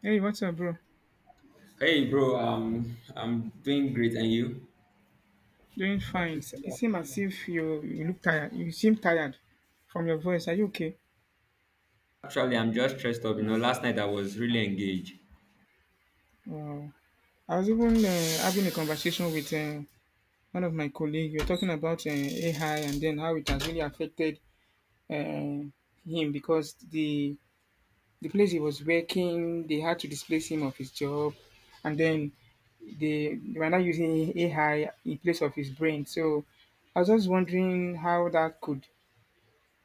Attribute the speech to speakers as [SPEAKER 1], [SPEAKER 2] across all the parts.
[SPEAKER 1] Hey, what's up, bro?
[SPEAKER 2] Hey bro, I'm doing great, and you?
[SPEAKER 1] Doing fine. It seems as if you look tired. You seem tired from your voice. Are you okay?
[SPEAKER 2] Actually, I'm just stressed up. You know, last night I was really engaged,
[SPEAKER 1] Wow. I was even having a conversation with one of my colleagues. You're talking about AI and then how it has really affected uh, him because the place he was working, they had to displace him of his job, and then they were not using AI in place of his brain. So I was just wondering how that could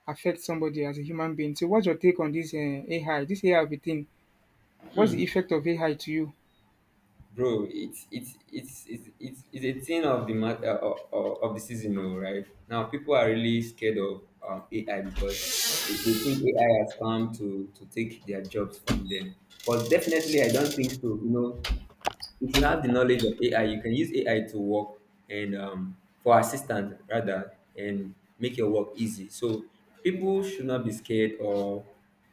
[SPEAKER 1] affect somebody as a human being. So what's your take on this AI, this AI of a thing? What's the effect of AI to you?
[SPEAKER 2] bro. It's a thing of of the season, oh, right? Now people are really scared of AI because they think AI has come to take their jobs from them. But definitely, I don't think so. You know, if you have the knowledge of AI, you can use AI to work and for assistant rather and make your work easy. So people should not be scared or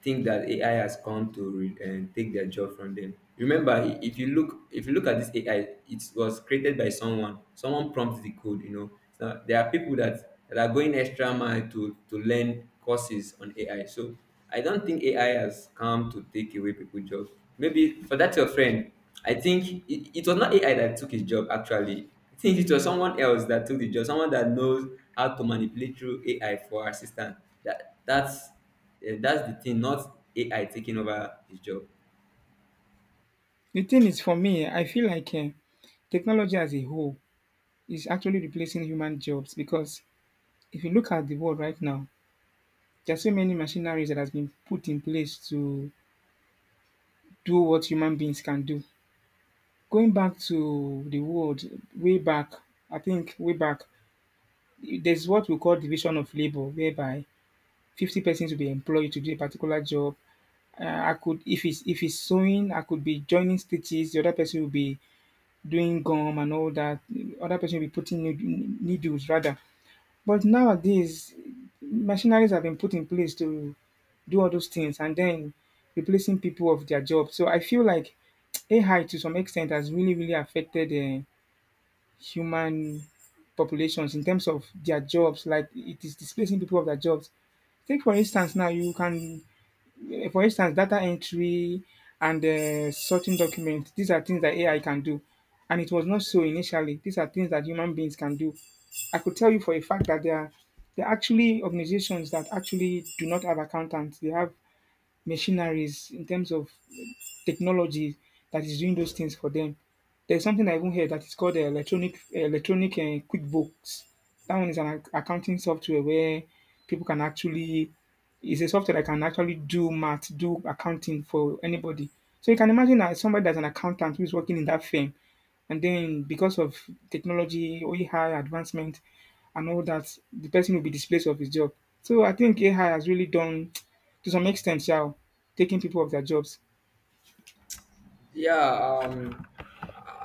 [SPEAKER 2] think that AI has come to and take their job from them. Remember, if you look at this AI, it was created by someone. Someone prompts the code. You know, so there are people that are going extra mile to learn courses on AI. So I don't think AI has come to take away people's job. Maybe for that your friend. I think it was not AI that took his job actually. I think it was someone else that took the job, someone that knows how to manipulate through AI for assistant. That that's that's the thing, not AI taking over his job.
[SPEAKER 1] The thing is, for me, I feel like technology as a whole is actually replacing human jobs because if you look at the world right now, there are so many machineries that has been put in place to do what human beings can do. Going back to the world way back, I think way back, there's what we call division of labor, whereby 50 persons will be employed to do a particular job, I could if it's sewing, I could be joining stitches. The other person will be doing gum and all that. The other person will be putting need- needles rather. But nowadays, machineries have been put in place to do all those things and then replacing people of their job. So I feel like AI to some extent has really really affected human populations in terms of their jobs. Like it is displacing people of their jobs. Take for instance now you can for instance, data entry and sorting documents, these are things that AI can do. And it was not so initially. These are things that human beings can do. I could tell you for a fact that there are actually organizations that actually do not have accountants. They have machineries in terms of technology that is doing those things for them. There's something I even heard that is called electronic electronic QuickBooks. That one is an ac- accounting software where people can actually it's a software that can actually do math, do accounting for anybody. So you can imagine that somebody that's an accountant who is working in that firm, and then because of technology, AI advancement, and all that, the person will be displaced of his job. So I think AI has really done, to some extent, yeah, taking people off their jobs.
[SPEAKER 2] Yeah,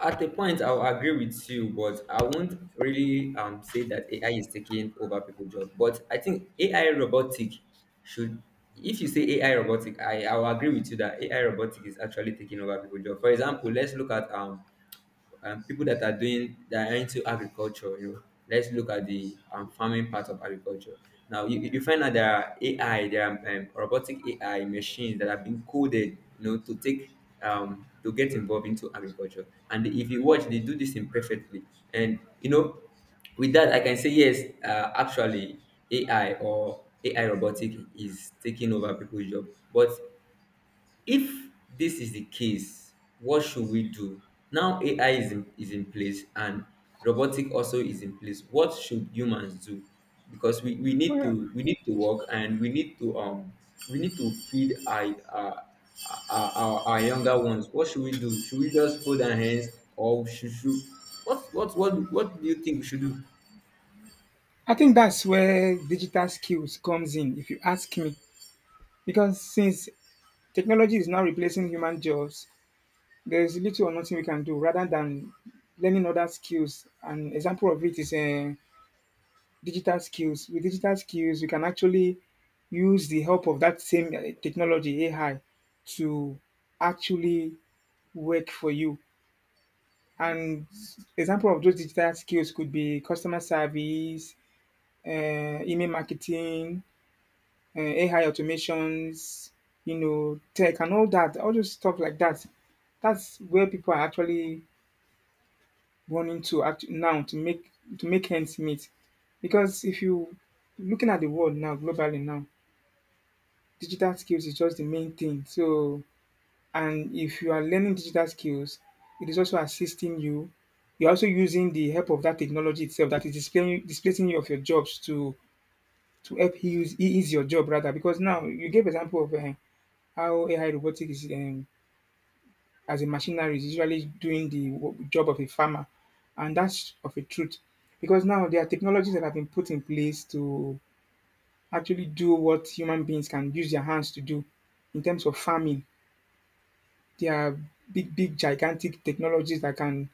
[SPEAKER 2] at a point I'll agree with you, but I won't really say that AI is taking over people's job. But I think AI robotic should, if you say AI robotic, I will agree with you that AI robotic is actually taking over people's job. For example, let's look at people that are doing, that are into agriculture. You know, let's look at the farming part of agriculture. Now you find that there are ai there are robotic AI machines that have been coded, you know, to take to get involved into agriculture, and if you watch they do this imperfectly. And you know, with that I can say yes, actually AI or AI robotic is taking over people's job. But if this is the case, what should we do? Now AI is in place, and robotic also is in place. What should humans do? Because we, we need
[SPEAKER 1] Well,
[SPEAKER 2] to we need to work, and we need to feed our younger ones. What should we do? Should we just fold our hands, or should what do you think we should do?
[SPEAKER 1] I think that's where digital skills comes in, if you ask me. Because since technology is now replacing human jobs, there's little or nothing we can do rather than learning other skills. An example of it is digital skills. With digital skills, we can actually use the help of that same technology, AI, to actually work for you. And example of those digital skills could be customer service, email marketing, AI automations, you know, tech and all that, all those stuff like that. That's where people are actually now to make ends meet. Because if you looking at the world now globally now, digital skills is just the main thing. So and if you are learning digital skills, it is also assisting you. You're also using the help of that technology itself that is displaying displacing you of your jobs to help ease your job rather because now you gave example of how AI robotic is as a machinery is usually doing the job of a farmer, and that's of a truth because now there are technologies that have been put in place to actually do what human beings can use their hands to do in terms of farming. There are big, big, gigantic technologies that can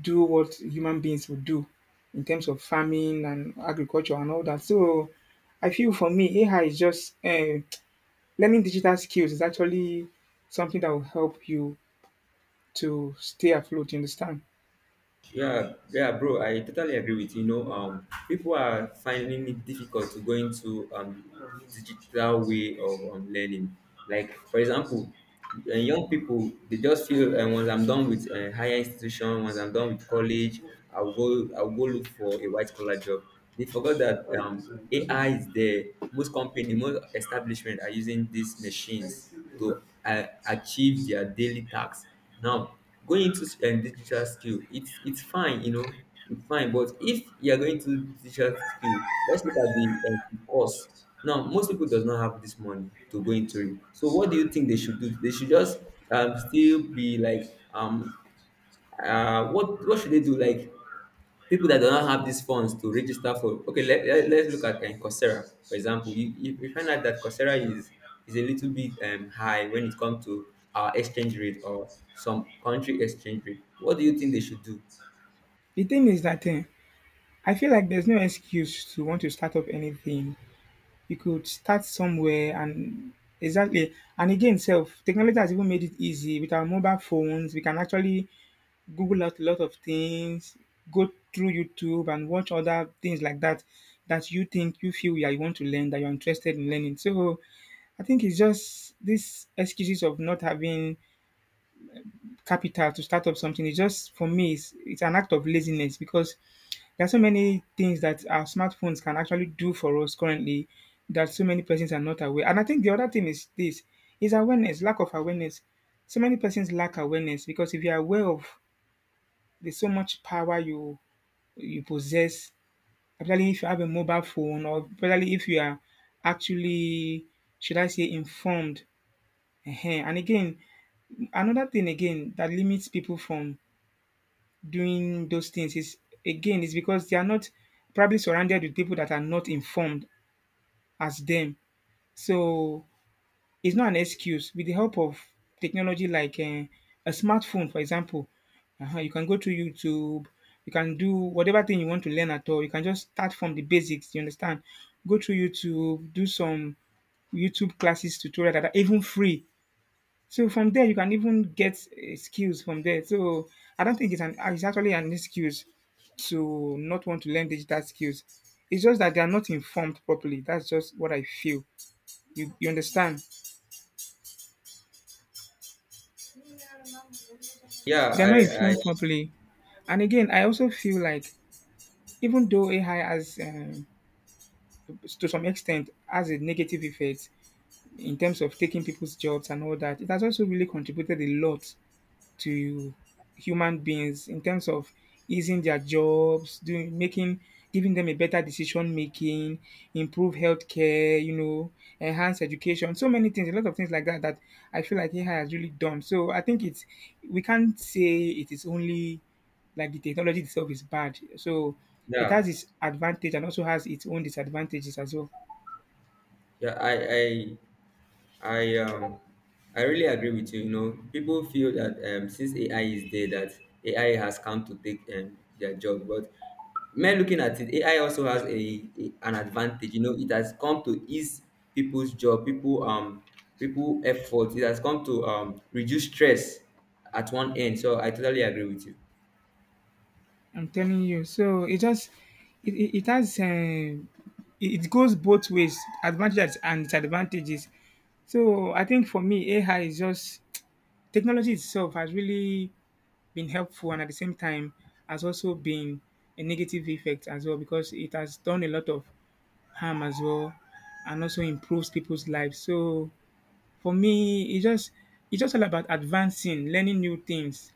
[SPEAKER 1] do what human beings would do in terms of farming and agriculture and all that. So I feel for me, AI is just learning digital skills is actually something that will help you to stay afloat, you understand?
[SPEAKER 2] Yeah, yeah, bro. I totally agree with you. You know, people are finding it difficult to go into digital way of learning. Like, for example, young people, they just feel, once I'm done with higher institution, once I'm done with college, I'll go look for a white collar job. They forgot that AI is there. Most company, most establishment are using these machines to achieve their daily tasks. Now, going into digital skill, it's fine, you know, it's fine. But if you are going to digital skill, let's look at the cost. Now, most people does not have this money to go into it. So, what do you think they should do? They should just still be like um, what should they do? Like people that do not have these funds to register for, okay, let's look at Coursera, for example. You find out that Coursera is a little bit high when it comes to our exchange rate or some country exchange rate. What do you think they should do?
[SPEAKER 1] The thing is that I feel like there's no excuse to want to start up anything. You could start somewhere and exactly and again self technology has even made it easy with our mobile phones we can actually google out a lot of things go through YouTube and watch other things like that that you think you feel yeah, you want to learn that you're interested in learning. So I think it's just these excuses of not having capital to start up something. It's just for me, it's an act of laziness because there are so many things that our smartphones can actually do for us currently that so many persons are not aware. And I think the other thing is this is awareness, lack of awareness. So many persons lack awareness because if you are aware of there's so much power you possess. Particularly if you have a mobile phone or particularly if you are actually should I say informed. Ehen. And again, another thing again that limits people from doing those things is again is because they are not probably surrounded with people that are not informed as them. So it's not an excuse. With the help of technology like a smartphone, for example, you can go to YouTube. You can do whatever thing you want to learn at all. You can just start from the basics. You understand? Go to YouTube, do some YouTube classes, tutorial that are even free. So from there, you can even get skills from there. So I don't think it's actually an excuse to not want to learn digital skills. It's just that they are not informed properly. That's just what I feel. You understand?
[SPEAKER 2] yeah
[SPEAKER 1] They are not
[SPEAKER 2] i
[SPEAKER 1] informed
[SPEAKER 2] i
[SPEAKER 1] properly. And again, I also feel like even though AI has to some extent has a negative effect in terms of taking people's jobs and all that, it has also really contributed a lot to human beings in terms of easing their jobs, doing making giving them a better decision making, improve healthcare, you know, enhance education, so many things, a lot of things like that that I feel like AI has really done. So I think it's we can't say it is only like the technology itself is bad. So it has
[SPEAKER 2] yeah
[SPEAKER 1] its advantage and also has its own disadvantages as well.
[SPEAKER 2] yeah i i I um I really agree with you. You know, people feel that since AI is there, that AI has come to take their job. But men, looking at it, AI also has a an advantage. You know, it has come to ease people's job, people effort. It has come to reduce stress at one end. So I totally agree with you.
[SPEAKER 1] I'm telling you. So it just it has it goes both ways, advantages and disadvantages. So I think for me, AI is just technology itself has really been helpful and at the same time has also been a negative effect as well because it has done a lot of harm as well and also improves people's lives. So for me, it's just all about advancing, learning new things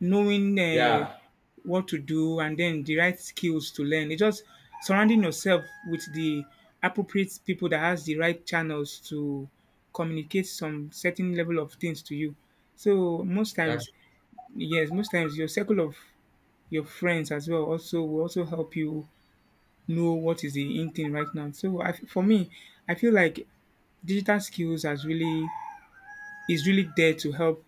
[SPEAKER 1] knowing
[SPEAKER 2] Yeah,
[SPEAKER 1] what to do and then the right skills to learn. It's just surrounding yourself with the appropriate people that has the right channels to communicate some certain level of things to you. So most
[SPEAKER 2] that's
[SPEAKER 1] times, yes, most times your circle of your friends as well also will also help you know what is the in thing right now. So I, for me, I feel like digital skills has really is really there to help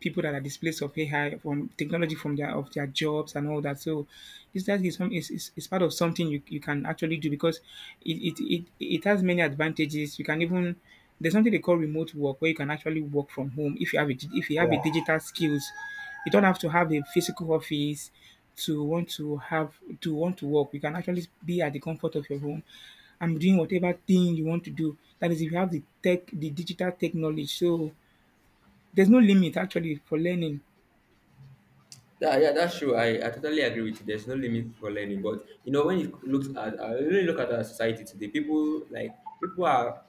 [SPEAKER 1] people that are displaced of AI from technology from their of their jobs and all that. So this that is is part of something you can actually do because it has many advantages. You can even there's something they call remote work where you can actually work from home if you have if you have a digital skills. You don't have to have a physical office to want to have to want to work. You can actually be at the comfort of your home. I'm doing whatever thing you want to do. That is, if you have the digital tech knowledge. So there's no limit actually for learning.
[SPEAKER 2] Yeah, yeah, that's true. I totally agree with you. There's no limit for learning, but you know when you look at I really look at our society today, people are,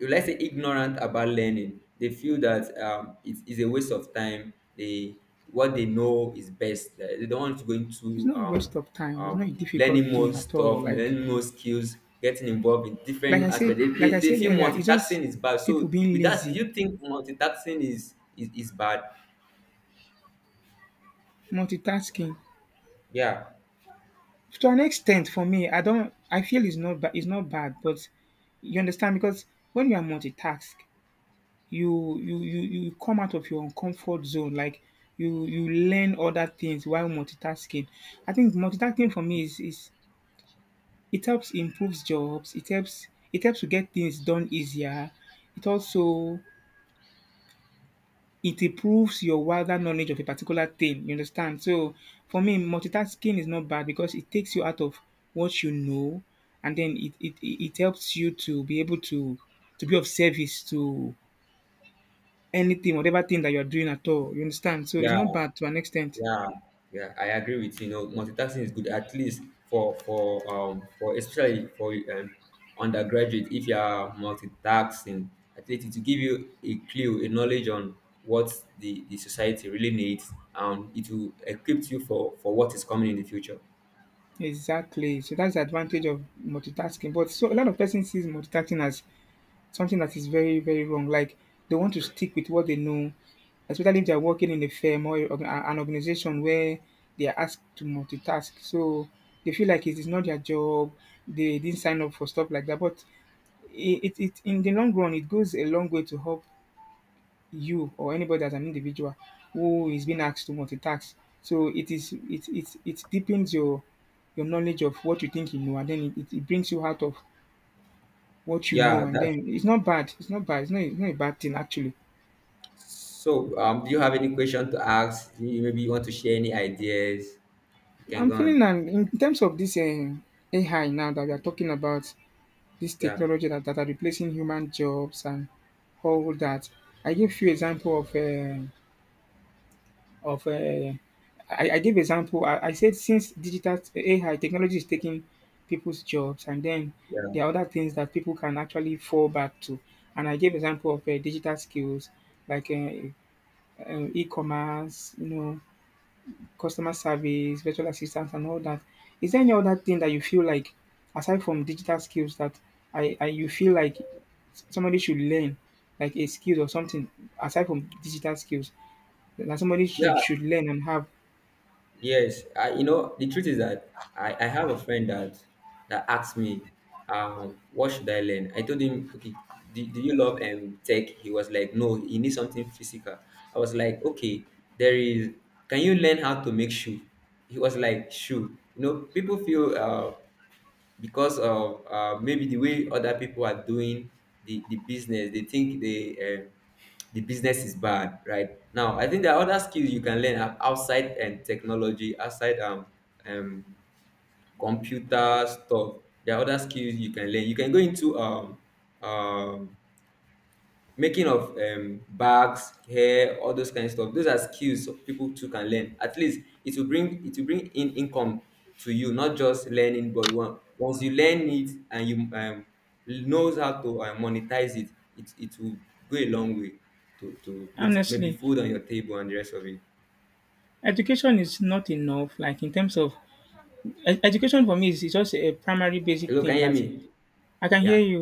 [SPEAKER 2] let's say, ignorant about learning. They feel that it is a waste of time. They, what they know is best. They don't want to go
[SPEAKER 1] It's
[SPEAKER 2] into
[SPEAKER 1] not a waste of time. It's not a difficult
[SPEAKER 2] learning more
[SPEAKER 1] thing at all.
[SPEAKER 2] stuff,
[SPEAKER 1] Like
[SPEAKER 2] learning more skills, getting involved in different aspects. They,
[SPEAKER 1] like
[SPEAKER 2] they,
[SPEAKER 1] I
[SPEAKER 2] they
[SPEAKER 1] said
[SPEAKER 2] feel
[SPEAKER 1] earlier, it's just
[SPEAKER 2] multitasking is bad.
[SPEAKER 1] people
[SPEAKER 2] So
[SPEAKER 1] being
[SPEAKER 2] with that, do
[SPEAKER 1] lazy,
[SPEAKER 2] you think multitasking is bad?
[SPEAKER 1] multitasking.
[SPEAKER 2] Yeah,
[SPEAKER 1] To an extent, for me, I don't. I feel it's not bad. It's not bad, but you understand because when you are multitask, you come out of your comfort zone. Like you learn other things while multitasking. I think multitasking for me is It helps improves jobs. It helps to get things done easier. It also it improves your wider knowledge of a particular thing. You understand? So for me, multitasking is not bad because it takes you out of what you know, and then it helps you to be able to be of service to anything, whatever thing that you are doing at all. You understand? So it's
[SPEAKER 2] yeah.
[SPEAKER 1] not bad to an extent.
[SPEAKER 2] Yeah, yeah, I agree with you. You know, multitasking is good, at least for especially for undergraduate. If you are multitasking, at least it will give you a clue, a knowledge on what the society really needs, and it will equip you for what is coming in the future.
[SPEAKER 1] Exactly. So that's the advantage of multitasking. But so a lot of person sees multitasking as something that is very, very wrong. Like they want to stick with what they know, especially if they are working in a firm or an organization where they are asked to multitask. So they feel like it is not their job. They didn't sign up for stuff like that. But it in the long run, it goes a long way to help you or anybody as an individual who is being asked to multitask. So it is it it it deepens your knowledge of what you think you know, and then it brings you out of what you know,
[SPEAKER 2] Yeah,
[SPEAKER 1] and
[SPEAKER 2] that's
[SPEAKER 1] then it's not bad. It's not bad. It's not a bad thing actually.
[SPEAKER 2] so. Do you have any question to ask? Do you maybe you want to share any ideas? You can
[SPEAKER 1] I'm
[SPEAKER 2] go
[SPEAKER 1] feeling
[SPEAKER 2] on.
[SPEAKER 1] that in terms of this AI now that we are talking about, this
[SPEAKER 2] Yeah,
[SPEAKER 1] technology that are replacing human jobs and all that. I gave few example of I gave example. I said since digital AI technology is taking people's jobs, and then
[SPEAKER 2] yeah,
[SPEAKER 1] there are other things that people can actually fall back to. And I gave example of digital skills like e-commerce, customer service, virtual assistants, and all that. Is there any other thing that you feel like, aside from digital skills, that I you feel like somebody should learn, like a skill or something, aside from digital skills, that somebody
[SPEAKER 2] yeah.
[SPEAKER 1] should learn and have?
[SPEAKER 2] Yes, the truth is that I have a friend that asked me, what should I learn? I told him, okay, do you love tech? He was like, no, you need something physical. I was like, okay, there is, can you learn how to make shoe? He was like, shoe. You know, people feel, because of, maybe the way other people are doing the business, they think the business is bad right now. I think there are other skills you can learn, outside, and technology outside, um computer stuff. There are other skills you can learn. You can go into, um making of, bags, hair, all those kind of stuff. Those are skills, so people too can learn. At least it will bring, it will bring in income to you. Not just learning, but once you learn it and you knows how to monetize it will go a long way to put maybe
[SPEAKER 1] Honestly,
[SPEAKER 2] food on your table and the rest of it.
[SPEAKER 1] education is not enough, like in terms of education. For me is just a primary basic
[SPEAKER 2] Hello, can
[SPEAKER 1] thing
[SPEAKER 2] you hear
[SPEAKER 1] that
[SPEAKER 2] me?
[SPEAKER 1] I can
[SPEAKER 2] Yeah.
[SPEAKER 1] hear you.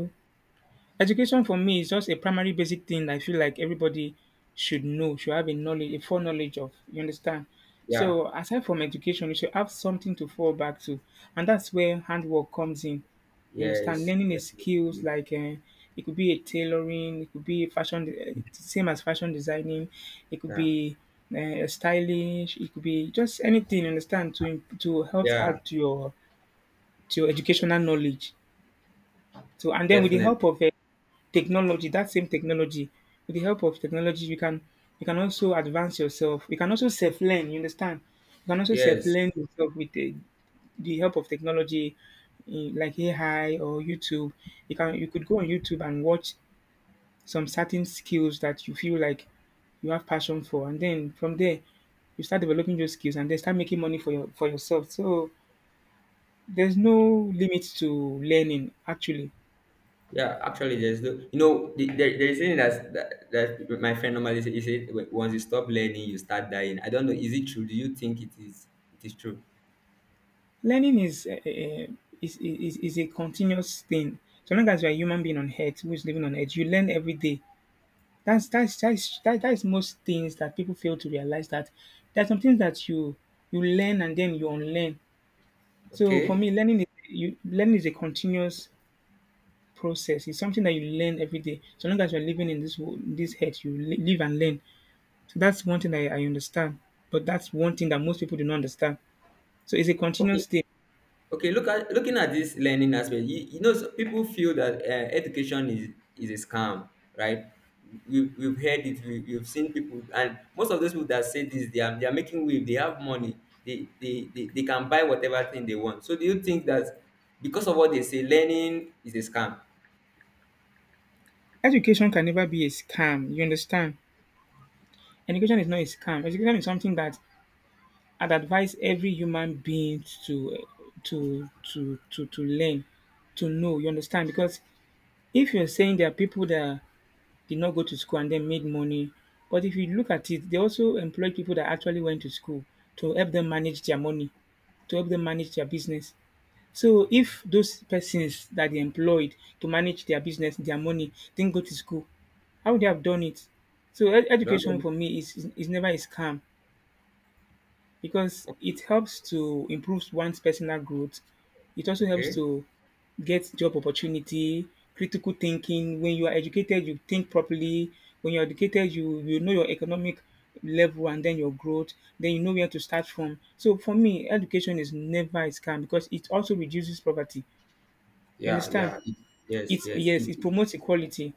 [SPEAKER 1] Education for me is just a primary basic thing I feel like everybody should know, should have a knowledge, a foreknowledge of. You understand?
[SPEAKER 2] Yeah,
[SPEAKER 1] So aside from education, you should have something to fall back to, and that's where handwork comes in. You understand?
[SPEAKER 2] yes,
[SPEAKER 1] Learning a
[SPEAKER 2] definitely.
[SPEAKER 1] skills like it could be a tailoring, it could be fashion, same as fashion designing, it could
[SPEAKER 2] Yeah,
[SPEAKER 1] be stylish, it could be just anything. You understand? To to help
[SPEAKER 2] yeah,
[SPEAKER 1] add to your educational knowledge. So and then with the
[SPEAKER 2] definitely.
[SPEAKER 1] help of technology, that same technology, with the help of technology, you can also advance yourself. You can also self learn. You understand? You can also self
[SPEAKER 2] Yes.
[SPEAKER 1] learn yourself with the help of technology, eh, like AI or YouTube. You could go on YouTube and watch some certain skills that you feel like you have passion for, and then from there you start developing those skills and then start making money for your for yourself. So there's no limit to learning actually.
[SPEAKER 2] Yeah, actually, there's no, you know, the, there is something that my friend normally say. He said, Once you stop learning, you start dying." I don't know, is it true? Do you think it is? It is true?
[SPEAKER 1] Learning is is a continuous thing. So long as you're a human being on earth who is living on earth, you learn every day. That is most things that people fail to realize, that there are some things that you learn and then you unlearn. So for me,
[SPEAKER 2] Okay,
[SPEAKER 1] learning is you learning is a continuous process. It's something that you learn every day. So long as you're living in this world, in this head, you live and learn. So that's one thing that I understand. But that's one thing that most people do not understand. So it's a
[SPEAKER 2] okay,
[SPEAKER 1] continuous thing.
[SPEAKER 2] okay. Looking at this learning aspect, you know, so people feel that education is a scam, right? We've heard it. We've seen people, and most of those people that say this, they are making wave. They have money. They can buy whatever thing they want. So do you think that because of what they say, learning is a scam?
[SPEAKER 1] Education can never be a scam, you understand? Education is not a scam. Education is something that I'd advise every human being to learn, to know, you understand? Because if you're saying there are people that did not go to school and then made money, but if you look at it, they also employed people that actually went to school to help them manage their money, to help them manage their business. So if those persons that they employed to manage their business, their money, didn't go to school, how would they have done it? So
[SPEAKER 2] I don't
[SPEAKER 1] education
[SPEAKER 2] know.
[SPEAKER 1] for me is never a scam because
[SPEAKER 2] Okay.
[SPEAKER 1] it helps to improve one's personal growth. It also helps
[SPEAKER 2] Okay.
[SPEAKER 1] to get job opportunity, critical thinking. When you are educated, you think properly. When you're educated, you know your economic level and then your growth. Then you know where to start from. So for me, education is never a scam because it also reduces poverty. You
[SPEAKER 2] Yeah,
[SPEAKER 1] understand?
[SPEAKER 2] yeah. It, yes,
[SPEAKER 1] It's
[SPEAKER 2] yes.
[SPEAKER 1] yes,
[SPEAKER 2] It,
[SPEAKER 1] it promotes equality.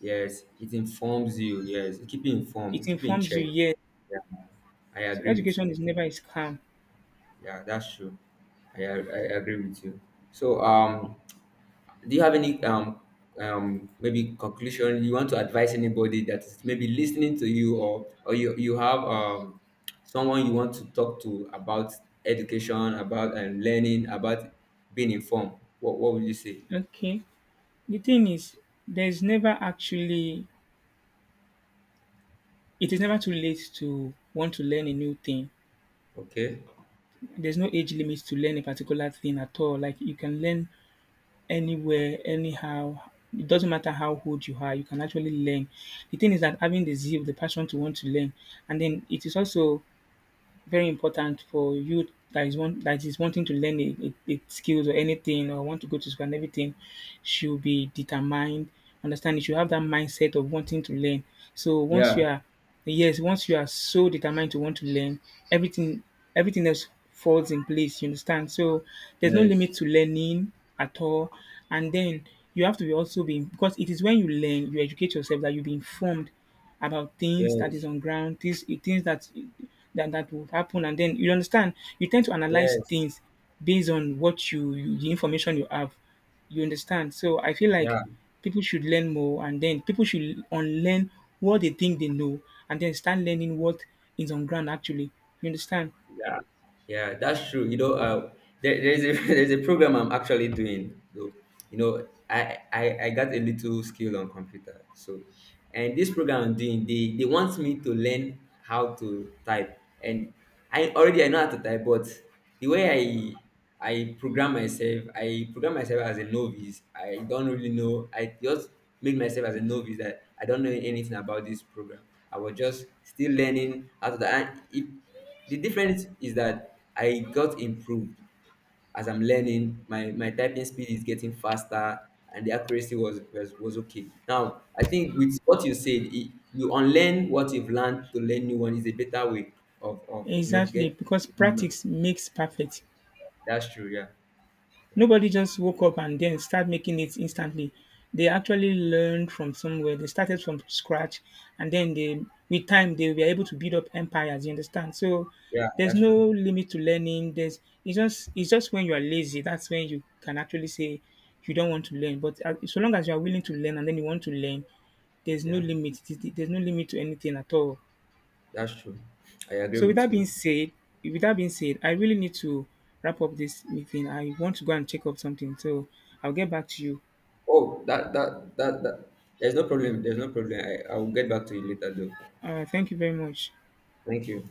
[SPEAKER 2] yes, it informs you. Yes, it keep you
[SPEAKER 1] It
[SPEAKER 2] informed. It keep you in
[SPEAKER 1] informs you,
[SPEAKER 2] check.
[SPEAKER 1] yes.
[SPEAKER 2] Yeah, I
[SPEAKER 1] So
[SPEAKER 2] agree with
[SPEAKER 1] education
[SPEAKER 2] you.
[SPEAKER 1] is never a scam.
[SPEAKER 2] Yeah, that's true. I agree with you. So, do you have any maybe conclusion you want to advise anybody that is maybe listening to you, or you have someone you want to talk to about education, about and learning, about being informed? What would you say?
[SPEAKER 1] Okay. The thing is, there's never actually it is never too late to want to learn a new thing.
[SPEAKER 2] Okay.
[SPEAKER 1] There's no age limit to learn a particular thing at all. Like you can learn anywhere, anyhow. It doesn't matter how old you are, you can actually learn. The thing is that having the zeal, the passion to want to learn, and then it is also very important for youth that is one that is wanting to learn a skills or anything or want to go to school and everything should be determined. Understand, you should have that mindset of wanting to learn. So once
[SPEAKER 2] Yeah.
[SPEAKER 1] you are yes, once you are so determined to want to learn, everything everything else falls in place, you understand? So there's no
[SPEAKER 2] Yes.
[SPEAKER 1] limit to learning at all. And then you have to be also be, because it is when you learn, you educate yourself that you be informed about things that is
[SPEAKER 2] Yes,
[SPEAKER 1] on ground, things that that would happen, and then you understand you tend to analyze
[SPEAKER 2] yes,
[SPEAKER 1] things based on what you the information you have. You understand? So I feel like
[SPEAKER 2] yeah,
[SPEAKER 1] people should learn more and then people should unlearn what they think they know and then start learning what is on ground actually. You understand?
[SPEAKER 2] yeah, yeah. That's true. You know, there's a there's a program I'm actually doing. I got a little skill on computer, so. And this program I'm doing, they want me to learn how to type. And I know how to type, but the way I program myself, as a novice. I don't really know. I just made myself as a novice that I don't know anything about this program. I was just still learning how to type. And the difference is that I got improved. As I'm learning, my typing speed is getting faster, and the accuracy was okay. Now, I think with what you said, you unlearn what you've learned to learn new one is a better way of getting
[SPEAKER 1] Exactly, because
[SPEAKER 2] new knowledge.
[SPEAKER 1] practice makes perfect.
[SPEAKER 2] That's true. Yeah, yeah,
[SPEAKER 1] Nobody just woke up and then start making it instantly. They actually learned from somewhere. They started from scratch, and then with time, they were able to build up empires. You understand? So
[SPEAKER 2] yeah.
[SPEAKER 1] there's
[SPEAKER 2] That's
[SPEAKER 1] no
[SPEAKER 2] true.
[SPEAKER 1] limit to learning. There's it's just when you are lazy that's when you can actually say you don't want to learn. But so long as you are willing to learn and then you want to learn, there's no
[SPEAKER 2] Yeah,
[SPEAKER 1] limit. There's no limit to anything at all.
[SPEAKER 2] that's true. I agree
[SPEAKER 1] So with
[SPEAKER 2] with
[SPEAKER 1] that being
[SPEAKER 2] you.
[SPEAKER 1] said, I really need to wrap up this meeting. I want to go and check up something. So I'll get back to you.
[SPEAKER 2] Oh, that. There's no problem. There's no problem. I will get back to you later, though.
[SPEAKER 1] Thank you very much.
[SPEAKER 2] Thank you.